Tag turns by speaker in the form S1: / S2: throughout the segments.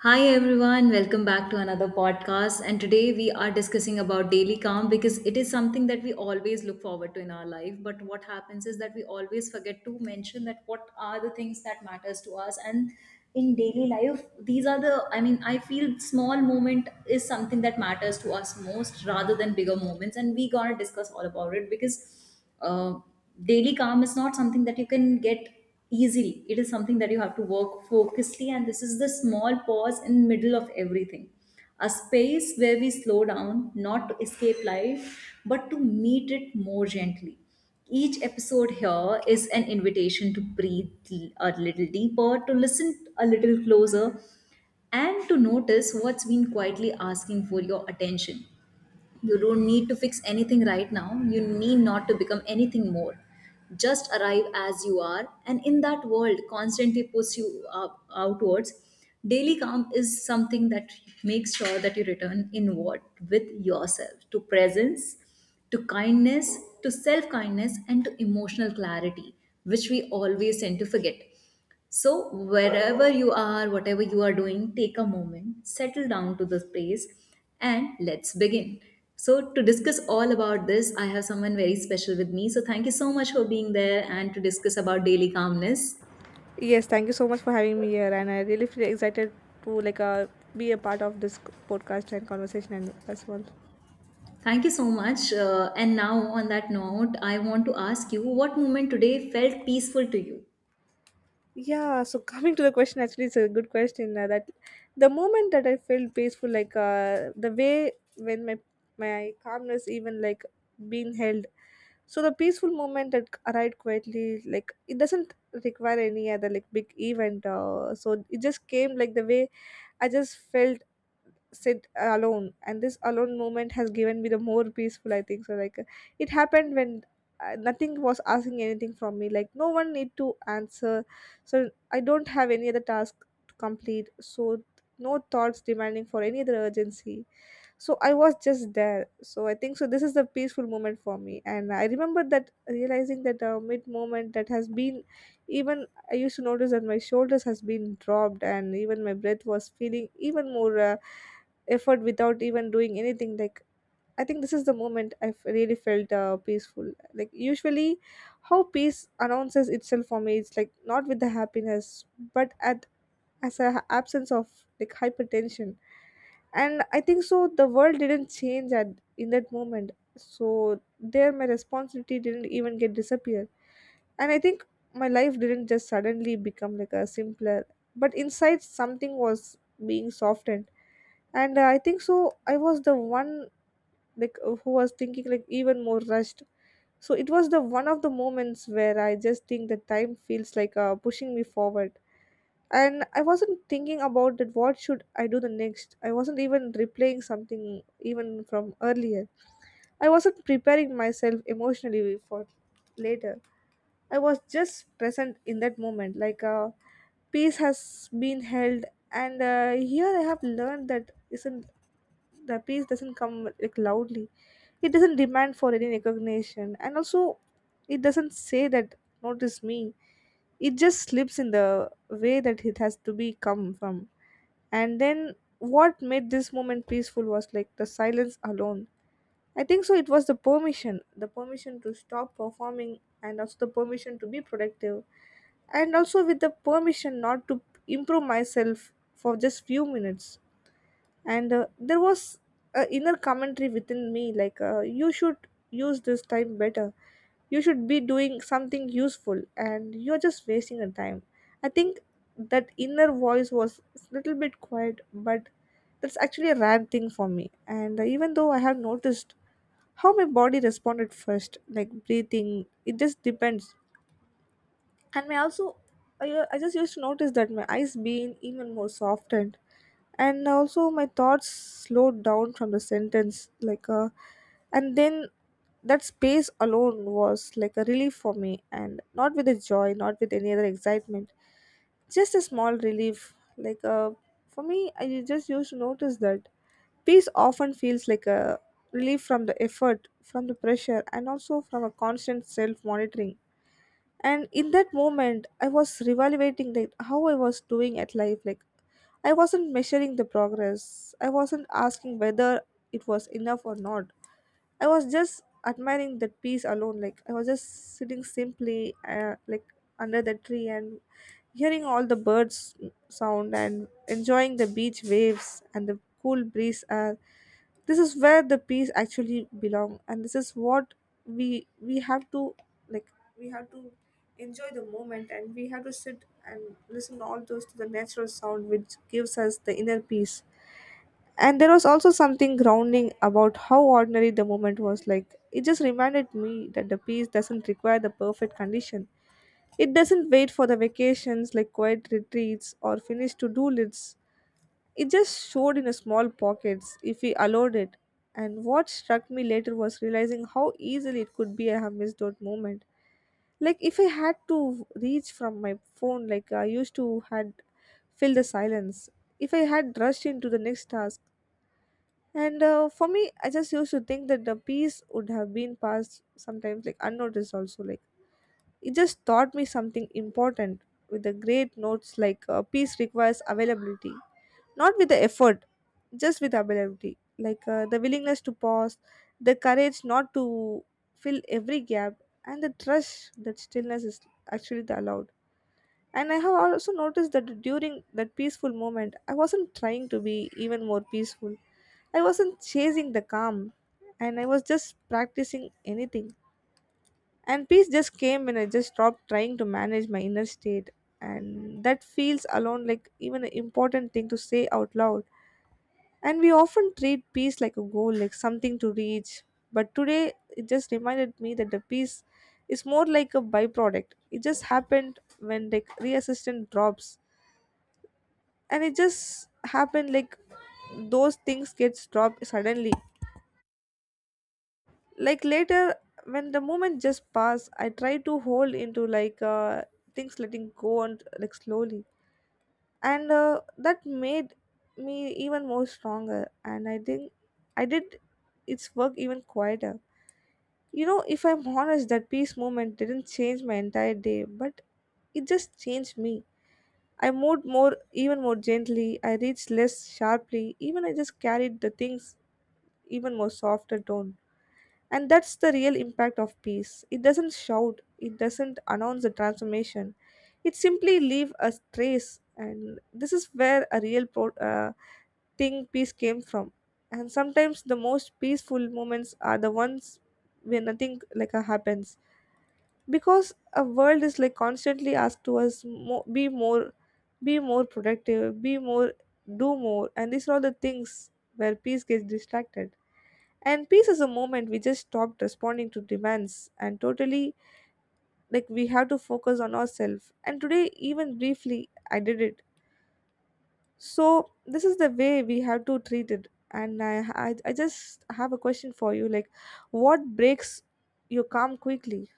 S1: Hi everyone, welcome back to another podcast. And today we are discussing about daily calm because it is something that we always look forward to in our life. But what happens is that we always forget to mention that what are the things that matters to us and in daily life these are the, I mean, I feel small moment is something that matters to us most rather than bigger moments, and we gonna discuss all about it because uh, daily calm is not something that you can get easily. It is something that you have to work focusedly, and this is the small pause in middle of everything, a space where we slow down not to escape life but to meet it more gently. Each episode here is an invitation to breathe a little deeper, to listen a little closer, and to notice what's been quietly asking for your attention. You don't need to fix anything right now. You need not to become anything more. Just arrive as you are, and in that world, constantly push you up, outwards. Daily calm is something that makes sure that you return inward with yourself, to presence, to kindness, to self kindness, and to emotional clarity, which we always tend to forget. So, wherever you are, whatever you are doing, take a moment, settle down to the space, and let's begin. So, to discuss all about this, I have someone very special with me. So, thank you so much for being there and to discuss about daily calmness.
S2: Yes, thank you so much for having me here, and I really feel excited to be a part of this podcast and conversation and as well.
S1: Thank you so much. And now, on that note, I want to ask you, what moment today felt peaceful to you?
S2: Yeah, so coming to the question, actually, it's a good question. That the moment that I felt peaceful, the way when my calmness even like being held. So the peaceful moment that arrived quietly, like it doesn't require any other like big event. So it just came like the way I just felt sit alone, and this alone moment has given me the more peaceful I think so it happened when nothing was asking anything from me, like no one need to answer. So I don't have any other task to complete, so no thoughts demanding for any other urgency. So I was just there, so I think so this is the peaceful moment for me. And I remember that, realizing that mid moment that has been even, I used to notice that my shoulders has been dropped, and even my breath was feeling even more effort without even doing anything. Like, I think this is the moment I really felt peaceful. Like, usually how peace announces itself for me, it's like not with the happiness but at, as a absence of like hypertension. And I think so the world didn't change at, in that moment, so there my responsibility didn't even get disappear. And I think my life didn't just suddenly become like a simpler, but inside something was being softened. And I think so I was the one who was thinking like even more rushed. So it was the one of the moments where I just think that time feels pushing me forward. And I wasn't thinking about that what should I do the next. I wasn't even replaying something even from earlier. I wasn't preparing myself emotionally for later. I was just present in that moment, peace has been held. And here I have learned that isn't, the peace doesn't come like loudly. It doesn't demand for any recognition, and also it doesn't say that notice me. It just slips in the way that it has to be come from. And then what made this moment peaceful was like the silence alone. I think so it was the permission to stop performing, and also the permission to be productive, and also with the permission not to improve myself for just few minutes. And there was a inner commentary within me you should use this time better, you should be doing something useful, and you're just wasting your time. I think that inner voice was a little bit quiet, but that's actually a rare thing for me. And even though I have noticed how my body responded first, like breathing, it just depends. And may also, I just used to notice that my eyes being even more softened. And also my thoughts slowed down from the sentence and then that space alone was like a relief for me, and not with a joy, not with any other excitement, just a small relief for me, I just used to notice that peace often feels like a relief from the effort, from the pressure, and also from a constant self monitoring. And in that moment I was reevaluating like how I was doing at life. Like, I wasn't measuring the progress, I wasn't asking whether it was enough or not. I was just admiring that piece alone. Like, I was just sitting simply, like under the tree, and hearing all the birds sound, and enjoying the beach waves and the cool breeze. This is where the peace actually belong, and this is what we have to like. We have to enjoy the moment, and we have to sit and listen all those to the natural sound, which gives us the inner peace. And there was also something grounding about how ordinary the moment was, like it just reminded me that the peace doesn't require the perfect condition. It doesn't wait for the vacations, like quiet retreats or finished to-do lists. It just showed in a small pockets if we allowed it. And what struck me later was realizing how easily it could be a missed out moment. Like, if I had to reach from my phone, like I used to had fill the silence, if I had rushed into the next task. And for me, I just used to think that the piece would have been passed sometimes like unnoticed also. Like, it just taught me something important with the great notes, peace requires availability, not with the effort, just with availability. The willingness to pause, the courage not to fill every gap, and the trust that stillness is actually the allowed. And I have also noticed that during that peaceful moment, I wasn't trying to be even more peaceful. I wasn't chasing the calm, and I was just practicing anything. And peace just came when I just stopped trying to manage my inner state. And that feels alone like even an important thing to say out loud. And we often treat peace like a goal, like something to reach. But today it just reminded me that the peace is more like a byproduct. It just happened when like reassistant drops. And it just happened like those things gets dropped suddenly, like later when the moment just passed, I try to hold into things letting go and like slowly. And that made me even more stronger, and I think I did its work even quieter. If I'm honest, that peace moment didn't change my entire day, but it just changed me. I moved more even more gently, I reached less sharply even, I just carried the things even more softer tone. And that's the real impact of peace. It doesn't shout, it doesn't announce the transformation. It simply leaves a trace, and this is where a real thing peace came from. And sometimes the most peaceful moments are the ones where nothing happens, because a world is like constantly asked to us be more productive, be more, do more, and these are all the things where peace gets distracted. And peace is a moment we just stopped responding to demands and totally like we have to focus on ourselves. And today, even briefly, I did it. So this is the way we have to treat it. And I just have a question for you. Like, what breaks your calm quickly?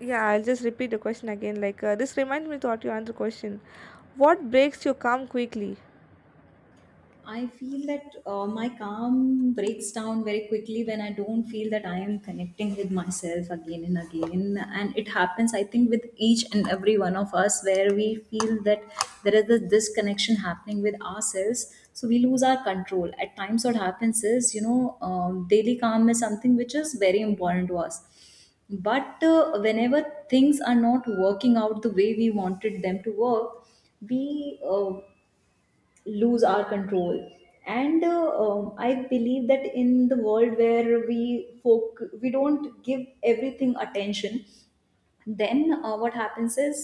S2: Yeah, I'll just repeat the question again. This reminds me to ask you another question. What breaks your calm quickly?
S1: I feel that my calm breaks down very quickly when I don't feel that I am connecting with myself again and again. And it happens, I think, with each and every one of us where we feel that there is this disconnection happening with ourselves. So we lose our control. At times, what happens is, you know, daily calm is something which is very important to us. But whenever things are not working out the way we wanted them to work, we lose our control. And I believe that in the world where we folk we don't give everything attention, then what happens is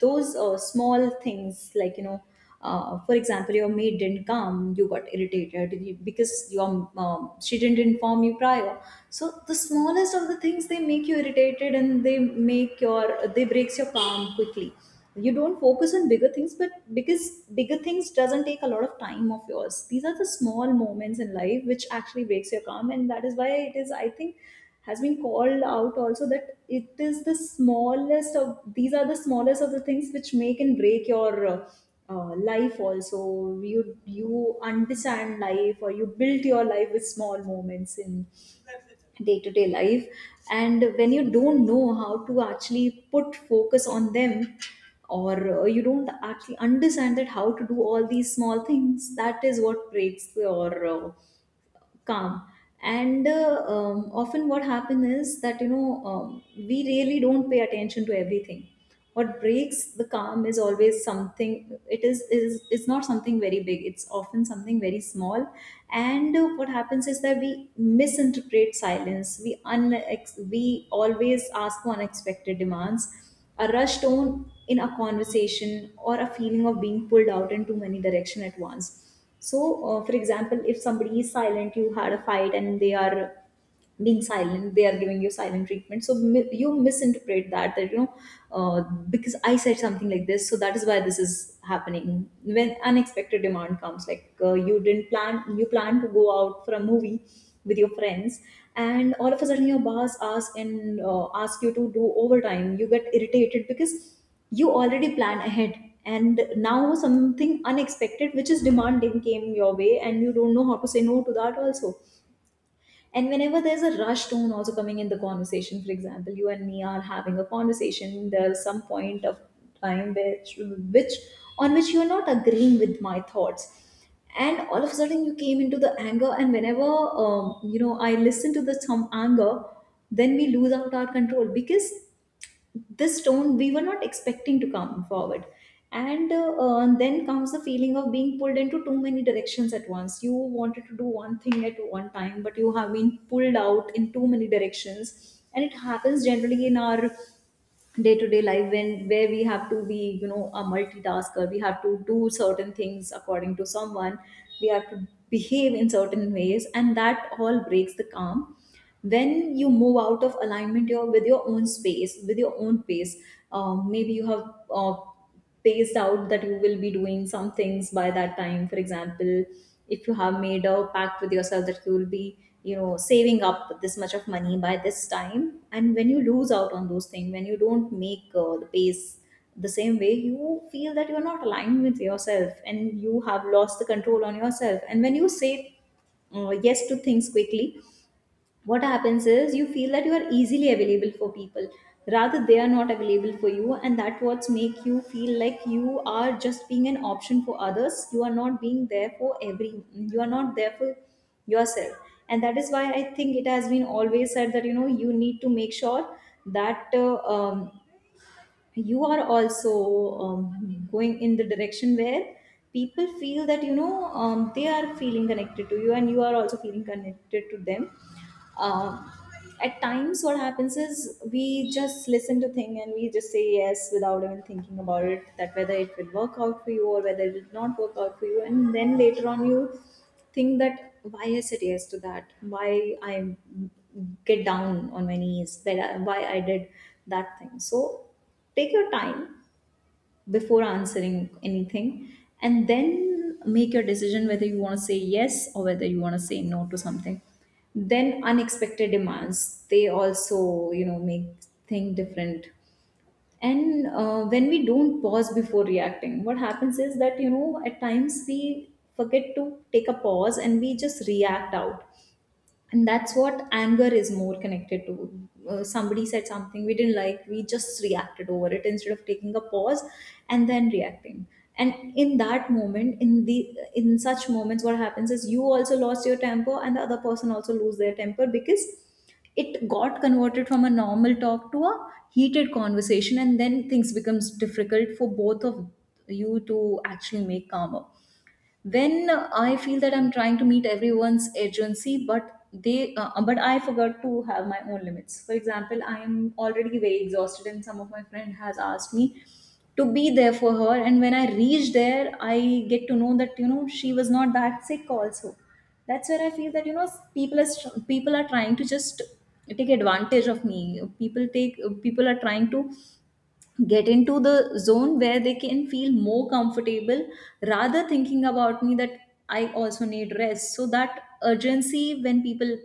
S1: those small things, like for example, your maid didn't come, you got irritated, because your she didn't inform you prior. So the smallest of the things, they make you irritated, and they breaks your calm quickly. You don't focus on bigger things, but because bigger things doesn't take a lot of time of yours, these are the small moments in life which actually breaks your calm. And that is why it is, I think, has been called out also that it is these are the smallest of the things which make and break your life also. You understand life, or you build your life with small moments in day to day life. And when you don't know how to actually put focus on them, or you don't actually understand that how to do all these small things, that is what breaks your calm. And often what happens is that, we really don't pay attention to everything. What breaks the calm is always something, it is not something very big, it's often something very small. And what happens is that we misinterpret silence, we always ask for unexpected demands, a rush tone in a conversation, or a feeling of being pulled out in too many direction at once. So, for example, if somebody is silent, you had a fight and they are being silent, they are giving you silent treatment. So you misinterpret that, that uh, because I said something like this, so that is why this is happening. When unexpected demand comes, like you didn't plan, you plan to go out for a movie with your friends, and all of a sudden your boss asks you to do overtime. You get irritated because you already plan ahead, and now something unexpected which is demanding came your way, and you don't know how to say no to that also. And whenever there's a rush tone also coming in the conversation, for example, you and me are having a conversation, there's some point of time which on which you're not agreeing with my thoughts, and all of a sudden you came into the anger. And whenever you know, I listen to the some anger, then we lose out our control, because this tone we were not expecting to come forward. And then comes the feeling of being pulled into too many directions at once. You wanted to do one thing at one time, but you have been pulled out in too many directions, and it happens generally in our day to day life, when where we have to be, you know, a multitasker. We have to do certain things according to someone, we have to behave in certain ways, and that all breaks the calm. When you move out of alignment, your with your own space, with your own pace. Maybe you have uh, paced out that you will be doing some things by that time. For example, if you have made a pact with yourself that you will be, you know, saving up this much of money by this time, and when you lose out on those things, when you don't make the pace the same way, you feel that you're not aligned with yourself, and you have lost the control on yourself. And when you say yes to things quickly, what happens is you feel that you are easily available for people, rather they are not available for you, and that what's make you feel like you are just being an option for others. You are not being there for every, you are not there for yourself. And that is why I think it has been always said that, you know, you need to make sure that you are also going in the direction where people feel that, they are feeling connected to you, and you are also feeling connected to them. um, at times, what happens is we just listen to thing and we just say yes without even thinking about it, that whether it will work out for you or whether it did not work out for you, and then later on you think that why I said yes to that, why I get down on my knees, that I, why I did that thing. So take your time before answering anything, and then make your decision whether you want to say yes or whether you want to say no to something. Then unexpected demands, they also, you know, make thing different. And when we don't pause before reacting, what happens is that, you know, at times we forget to take a pause and we just react out, and that's what anger is more connected to. Somebody said something we didn't like, we just reacted over it instead of taking a pause and then reacting. And in that moment, in such moments, what happens is you also lost your temper, and the other person also lose their temper, because it got converted from a normal talk to a heated conversation, and then things becomes difficult for both of you to actually make calmer. When I feel that I'm trying to meet everyone's urgency, but they but I forgot to have my own limits. For example, I am already very exhausted, and some of my friend has asked me to be there for her, and when I reach there I get to know that, you know, she was not that sick also. That's where I feel that, you know, people are trying to just take advantage of me. People are trying to get into the zone where they can feel more comfortable, rather thinking about me that I also need rest. So that urgency, when people,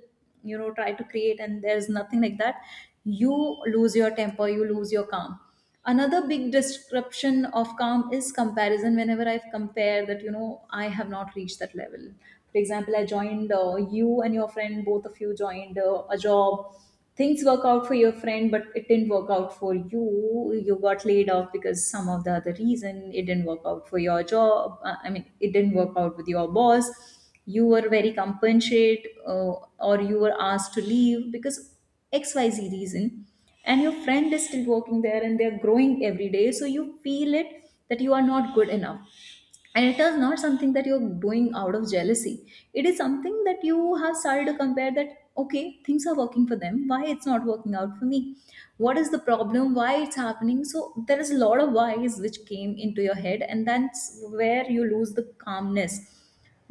S1: you know, try to create, and there's nothing like that, you lose your temper, you lose your calm. Another big description of calm is comparison. Whenever I compare that, you know, I have not reached that level. For example, I joined, you and your friend, both of you joined a job. Things work out for your friend, but it didn't work out for you. You got laid off because some of the other reason it didn't work out for your job. I mean, it didn't work out with your boss. You were very compensate, or you were asked to leave because xyz Reason. And your friend is still working there and they're growing every day, so you feel it that you are not good enough. And it is not something that you're doing out of jealousy, it is something that you have started to compare that okay, things are working for them, why it's not working out for me? What is the problem? Why it's happening? So there is a lot of whys which came into your head, and that's where you lose the calmness.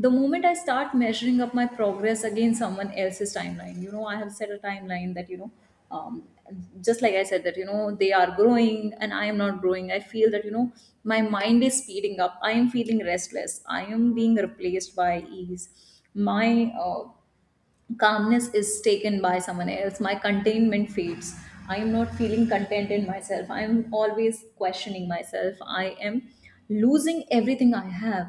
S1: The moment I start measuring up my progress against someone else's timeline, you know, I have set a timeline that you know, um, just like I said that you know, they are growing and I am not growing. I feel that you know, my mind is speeding up, I am feeling restless, I am being replaced by ease. My calmness is taken by someone else, my containment fades. I am not feeling content in myself, I am always questioning myself, I am losing everything I have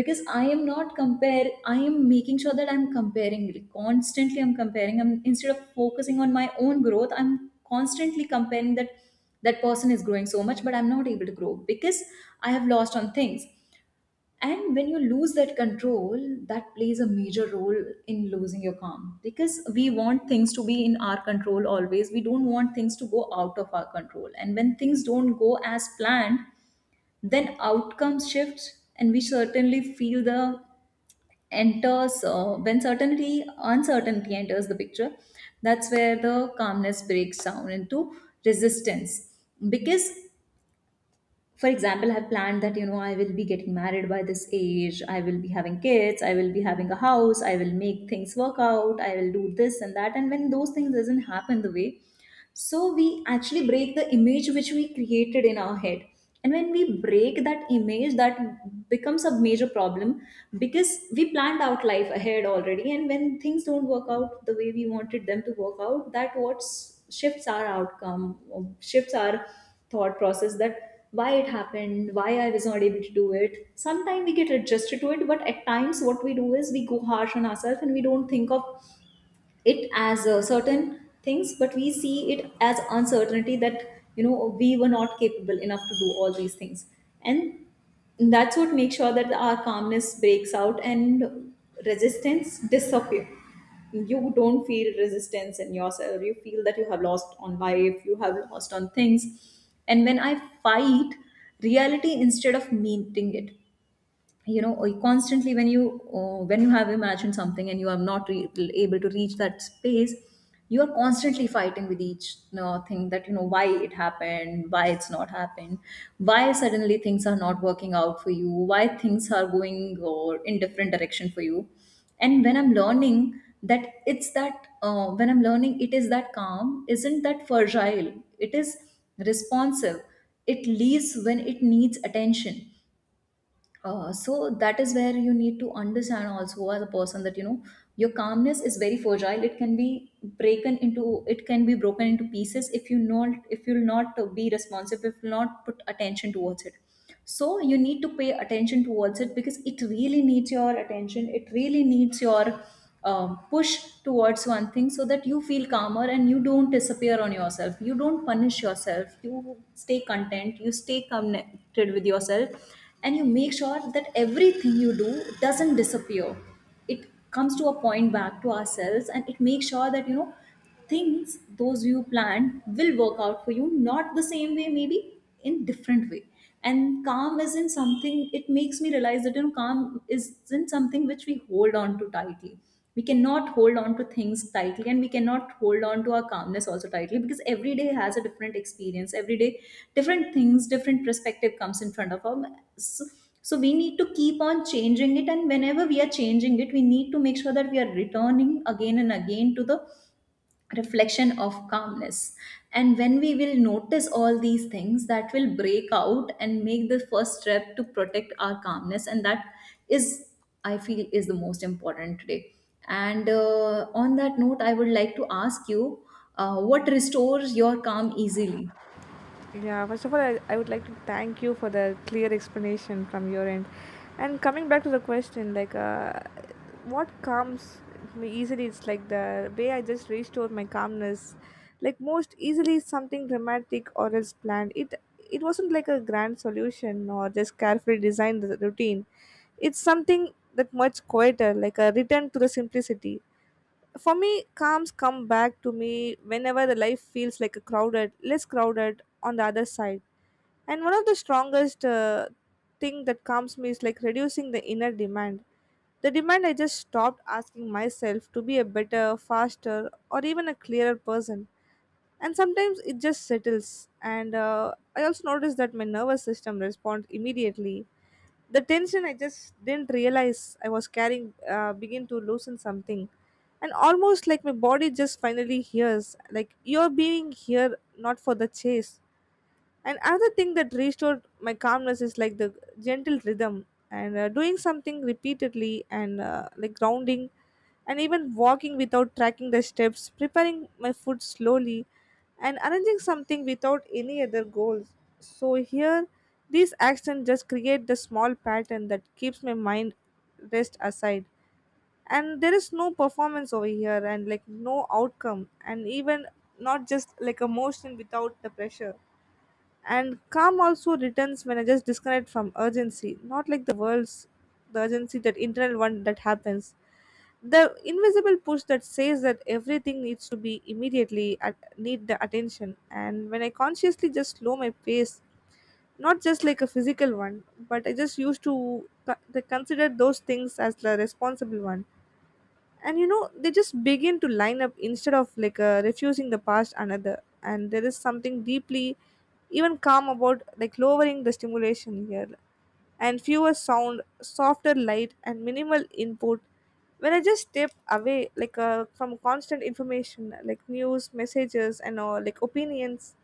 S1: because I am not compare, I am making sure that I'm comparing constantly. I'm comparing, I'm instead of focusing on my own growth, I'm constantly comparing that that person is growing so much, but I'm not able to grow because I have lost on things. And when you lose that control, that plays a major role in losing your calm, because we want things to be in our control always, we don't want things to go out of our control. And when things don't go as planned, then outcomes shift and we certainly feel the enters when certainty uncertainty enters the picture, that's where the calmness breaks down into resistance. Because for example, I've planned that you know, I will be getting married by this age, I will be having kids, I will be having a house, I will make things work out, I will do this and that. And when those things doesn't happen the way, so we actually break the image which we created in our head. And when we break that image, that becomes a major problem. Because we planned out life ahead already, and when things don't work out the way we wanted them to work out, that what shifts our outcome, shifts our thought process. That why it happened, why I was not able to do it. Sometimes we get adjusted to it, but at times what we do is we go harsh on ourselves and we don't think of it as certain things, but we see it as uncertainty that you know, we were not capable enough to do all these things. And that's what makes sure that our calmness breaks out and resistance disappear. You don't feel resistance in yourself, you feel that you have lost on life, you have lost on things. And when I fight reality instead of meeting it, you know, constantly when you have imagined something and you are not able to reach that space, you are constantly fighting with each you know, thing that you know, why it happened, why it's not happened, why suddenly things are not working out for you, why things are going or in different direction for you. And when I'm learning that it's that when I'm learning, it is that calm isn't that fragile, it is responsive. It leaves when it needs attention. So that is where you need to understand also as a person, that you know, your calmness is very fragile, it can be broken into, it can be broken into pieces if you not, if you'll not be responsive, if you'll not put attention towards it. So you need to pay attention towards it, because it really needs your attention, it really needs your push towards one thing, so that you feel calmer and you don't disappear on yourself, you don't punish yourself, you stay content, you stay connected with yourself. And you make sure that everything you do doesn't disappear, it comes to a point back to ourselves. And it makes sure that you know, things those you planned will work out for you, not the same way, maybe in different way. And calm isn't something, it makes me realize that you know, calm isn't something which we hold on to tightly. We cannot hold on to things tightly, and we cannot hold on to our calmness also tightly, because every day has a different experience, every day different things, different perspective comes in front of us. So, so we need to keep on changing it, and whenever we are changing it, we need to make sure that we are returning again and again to the reflection of calmness. And when we will notice all these things that will break out and make the first step to protect our calmness, and that is, I feel, is the most important today. And on that note, I would like to ask you, what restores your calm easily?
S2: Yeah, first of all, I would like to thank you for the clear explanation from your end. And coming back to the question, what calms me easily, it's like the way I just restore my calmness. Like, most easily, is something dramatic or else planned. It wasn't like a grand solution or just carefully designed routine. It's something that much quieter, like a return to the simplicity. For me, calms come back to me whenever the life feels like a crowded, less crowded on the other side. And one of the strongest thing that calms me is like reducing the inner demand. The demand, I just stopped asking myself to be a better, faster, or even a clearer person. And sometimes it just settles, and I also noticed that my nervous system responds immediately. The tension I just didn't realize I was carrying begin to loosen something. And almost like my body just finally hears, like you're being here not for the chase. And another thing that restored my calmness is like the gentle rhythm, and doing something repeatedly, and like grounding. And even walking without tracking the steps, preparing my food slowly, and arranging something without any other goals. So here, these actions just create the small pattern that keeps my mind rest aside. And there is no performance over here, and like no outcome, and even not just like emotion without the pressure. And calm also returns when I just disconnect from urgency, not like the urgency, that internal one that happens. The invisible push that says that everything needs to be immediately need the attention. And when I consciously just slow my pace, not just like a physical one, but I just used to consider those things as the responsible one, and you know they just begin to line up instead of refusing the past another. And there is something deeply even calm about like lowering the stimulation here, and fewer sound, softer light, and minimal input. When I just step away from constant information like news, messages, and all like opinions,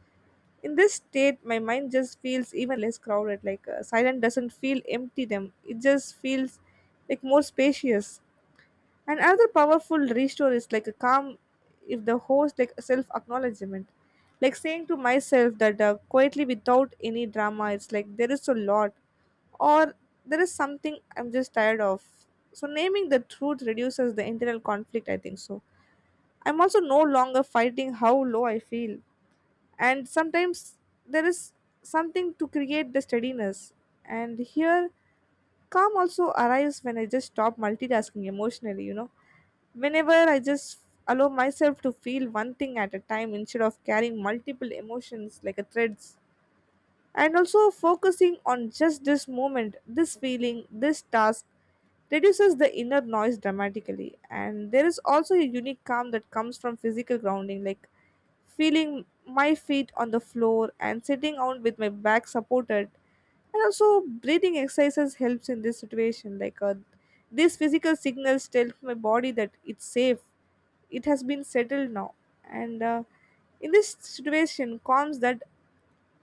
S2: in this state my mind just feels even less crowded. Silent doesn't feel empty them, it just feels like more spacious. And another powerful restore is like a calm, if the host, like self acknowledgement. Like saying to myself that quietly without any drama, it's like there is a lot, or there is something I'm just tired of. So naming the truth reduces the internal conflict, I think so. I'm also no longer fighting how low I feel. And sometimes there is something to create the steadiness. And here calm also arrives when I just stop multitasking emotionally, you know. Whenever I just allow myself to feel one thing at a time instead of carrying multiple emotions like a threads, and also focusing on just this moment, this feeling, this task reduces the inner noise dramatically. And there is also a unique calm that comes from physical grounding, like feeling my feet on the floor and sitting out with my back supported, and also breathing exercises helps in this situation. These physical signals tell my body that it's safe, it has been settled now. And in this situation calms that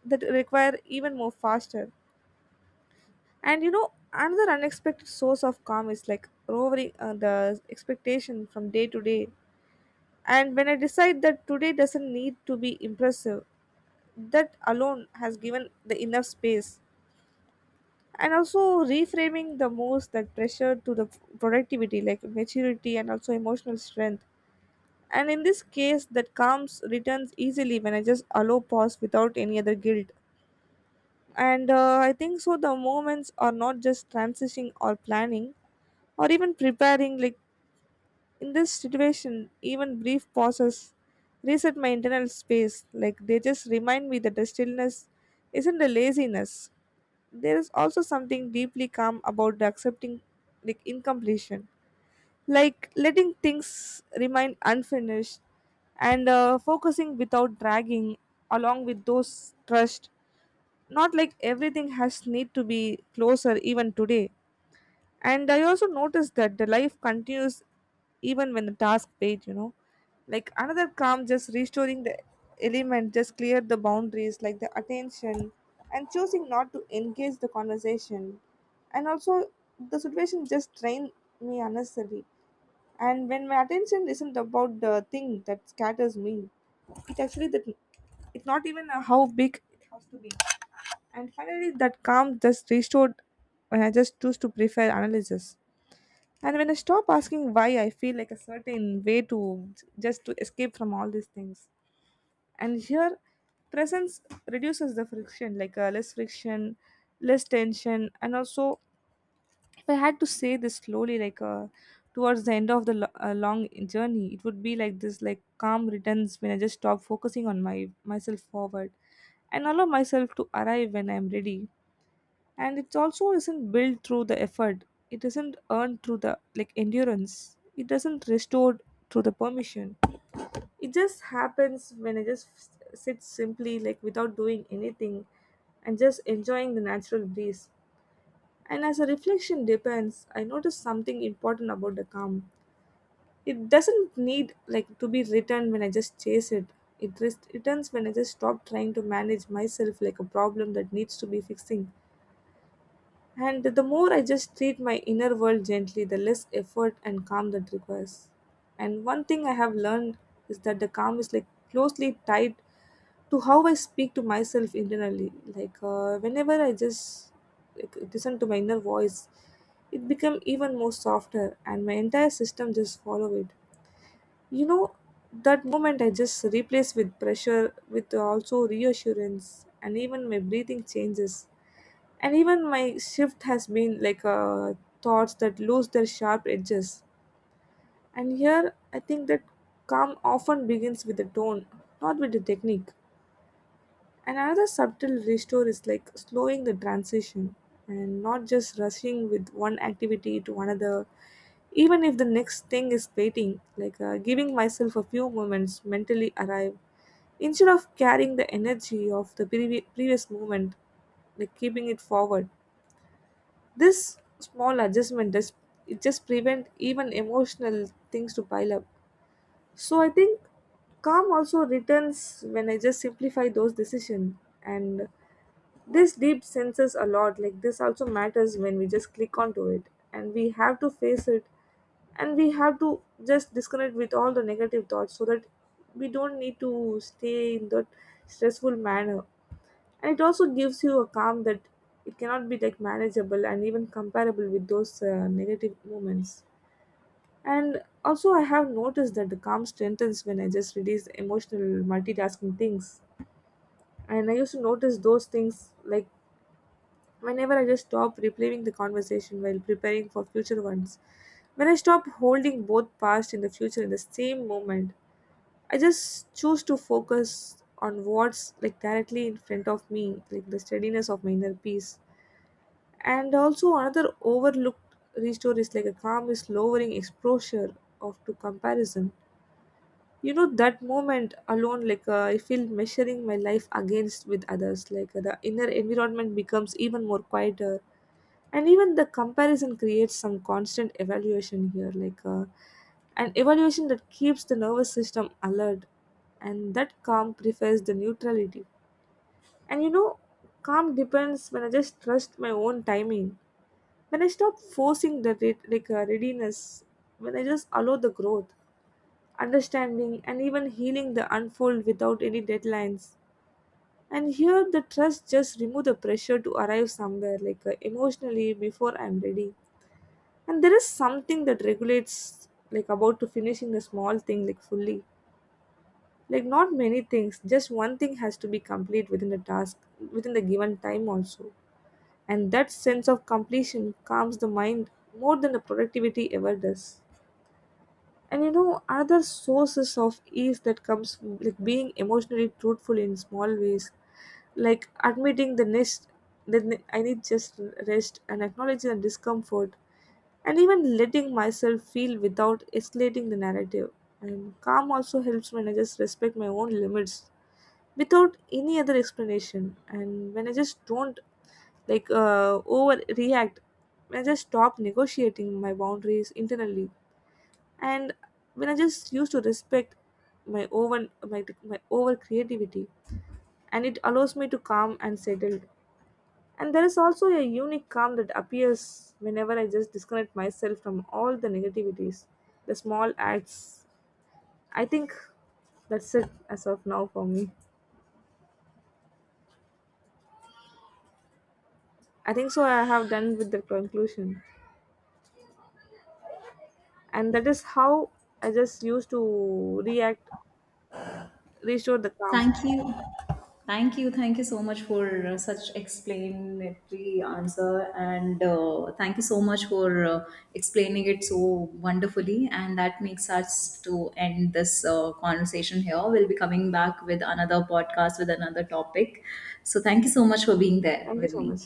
S2: that require even more faster. And you know another unexpected source of calm is like lowering the expectation from day to day. And when I decide that today doesn't need to be impressive, that alone has given the enough space. And also reframing the most that pressure to the productivity, like maturity and also emotional strength. And in this case that calms returns easily when I just allow pause without any other guilt. And I think so the moments are not just transitioning or planning or even preparing, like in this situation even brief pauses reset my internal space. Like they just remind me that the stillness isn't a laziness. There is also something deeply calm about the accepting, like incompletion, like letting things remain unfinished, and focusing without dragging, along with those trust, not like everything has need to be closer even today. And I also noticed that the life continues even when the task paid, you know. Like another calm just restoring the element, just clear the boundaries like the attention and choosing not to engage the conversation. And also the situation just drained me unnecessarily. And when my attention isn't about the thing that scatters me, it actually that, it's not even how big it has to be. And finally that calm just restored when I just choose to prefer analysis, and when I stop asking why I feel like a certain way, to just to escape from all these things. And here presence reduces the friction, less friction, less tension. And also, if I had to say this slowly, towards the end of the long journey, it would be like this, like calm returns when I just stop focusing on my myself forward and allow myself to arrive when I'm ready. And it also isn't built through the effort. It isn't earned through the like endurance. It doesn't restored through the permission. It just happens when I just sit simply like without doing anything and just enjoying the natural breeze. And as a reflection depends, I noticed something important about the calm. It doesn't need like to be written when I just chase it. It returns when I just stop trying to manage myself like a problem that needs to be fixing. And the more I just treat my inner world gently, the less effort and calm that requires. And one thing I have learned is that the calm is like closely tied to how I speak to myself internally. Whenever I just like listen to my inner voice, it become even more softer, and my entire system just follow it. You know, that moment I just replace with pressure, with also reassurance, and even my breathing changes, and even my shift has been thoughts that lose their sharp edges. And here I think that calm often begins with the tone, not with the technique. Another subtle restore is like slowing the transition and not just rushing with one activity to another, even if the next thing is waiting, giving myself a few moments mentally arrive instead of carrying the energy of the previous moment, like keeping it forward. This small adjustment does, it just prevent even emotional things to pile up. So I think calm also returns when I just simplify those decisions, and this deep senses a lot like this also matters when we just click onto it, and we have to face it, and we have to just disconnect with all the negative thoughts so that we don't need to stay in that stressful manner. And it also gives you a calm that it cannot be like manageable and even comparable with those negative moments. And also I have noticed that the calm strengthens when I just release emotional multitasking things, and I used to notice those things, like whenever I just stop replaying the conversation while preparing for future ones, when I stop holding both past and the future in the same moment, I just choose to focus on what's like directly in front of me, like the steadiness of my inner peace. And also another overlooked restore is like a calm is lowering exposure of to comparison. You know that moment alone, I feel measuring my life against with others, the inner environment becomes even more quieter, and even the comparison creates some constant evaluation here, an evaluation that keeps the nervous system alert. And that calm prefers the neutrality. And you know, calm depends when I just trust my own timing. When I stop forcing the readiness, when I just allow the growth, understanding, and even healing the unfold without any deadlines. And here, the trust just remove the pressure to arrive somewhere, emotionally, before I'm ready. And there is something that regulates, like about to finishing the small thing, like fully. Like not many things, just one thing has to be complete within the task, within the given time also. And that sense of completion calms the mind more than the productivity ever does. And you know another sources of ease that comes from, like being emotionally truthful in small ways, like admitting the next that I need just rest, and acknowledging the discomfort, and even letting myself feel without escalating the narrative. And calm also helps when I just respect my own limits without any other explanation, and when I just don't overreact, when I just stop negotiating my boundaries internally, and when I just used to respect my over creativity, and it allows me to calm and settled. And there is also a unique calm that appears whenever I just disconnect myself from all the negativities, the small acts. I think that's it as of now for me. I think so I have done with the conclusion. And that is how I just used to react, restore the calm.
S1: Thank you. Thank you. Thank you so much for such explanatory answer. And thank you so much for explaining it so wonderfully. And that makes us to end this conversation here. We'll be coming back with another podcast with another topic. So thank you so much for being there
S2: Thank you
S1: with
S2: so
S1: me.
S2: much.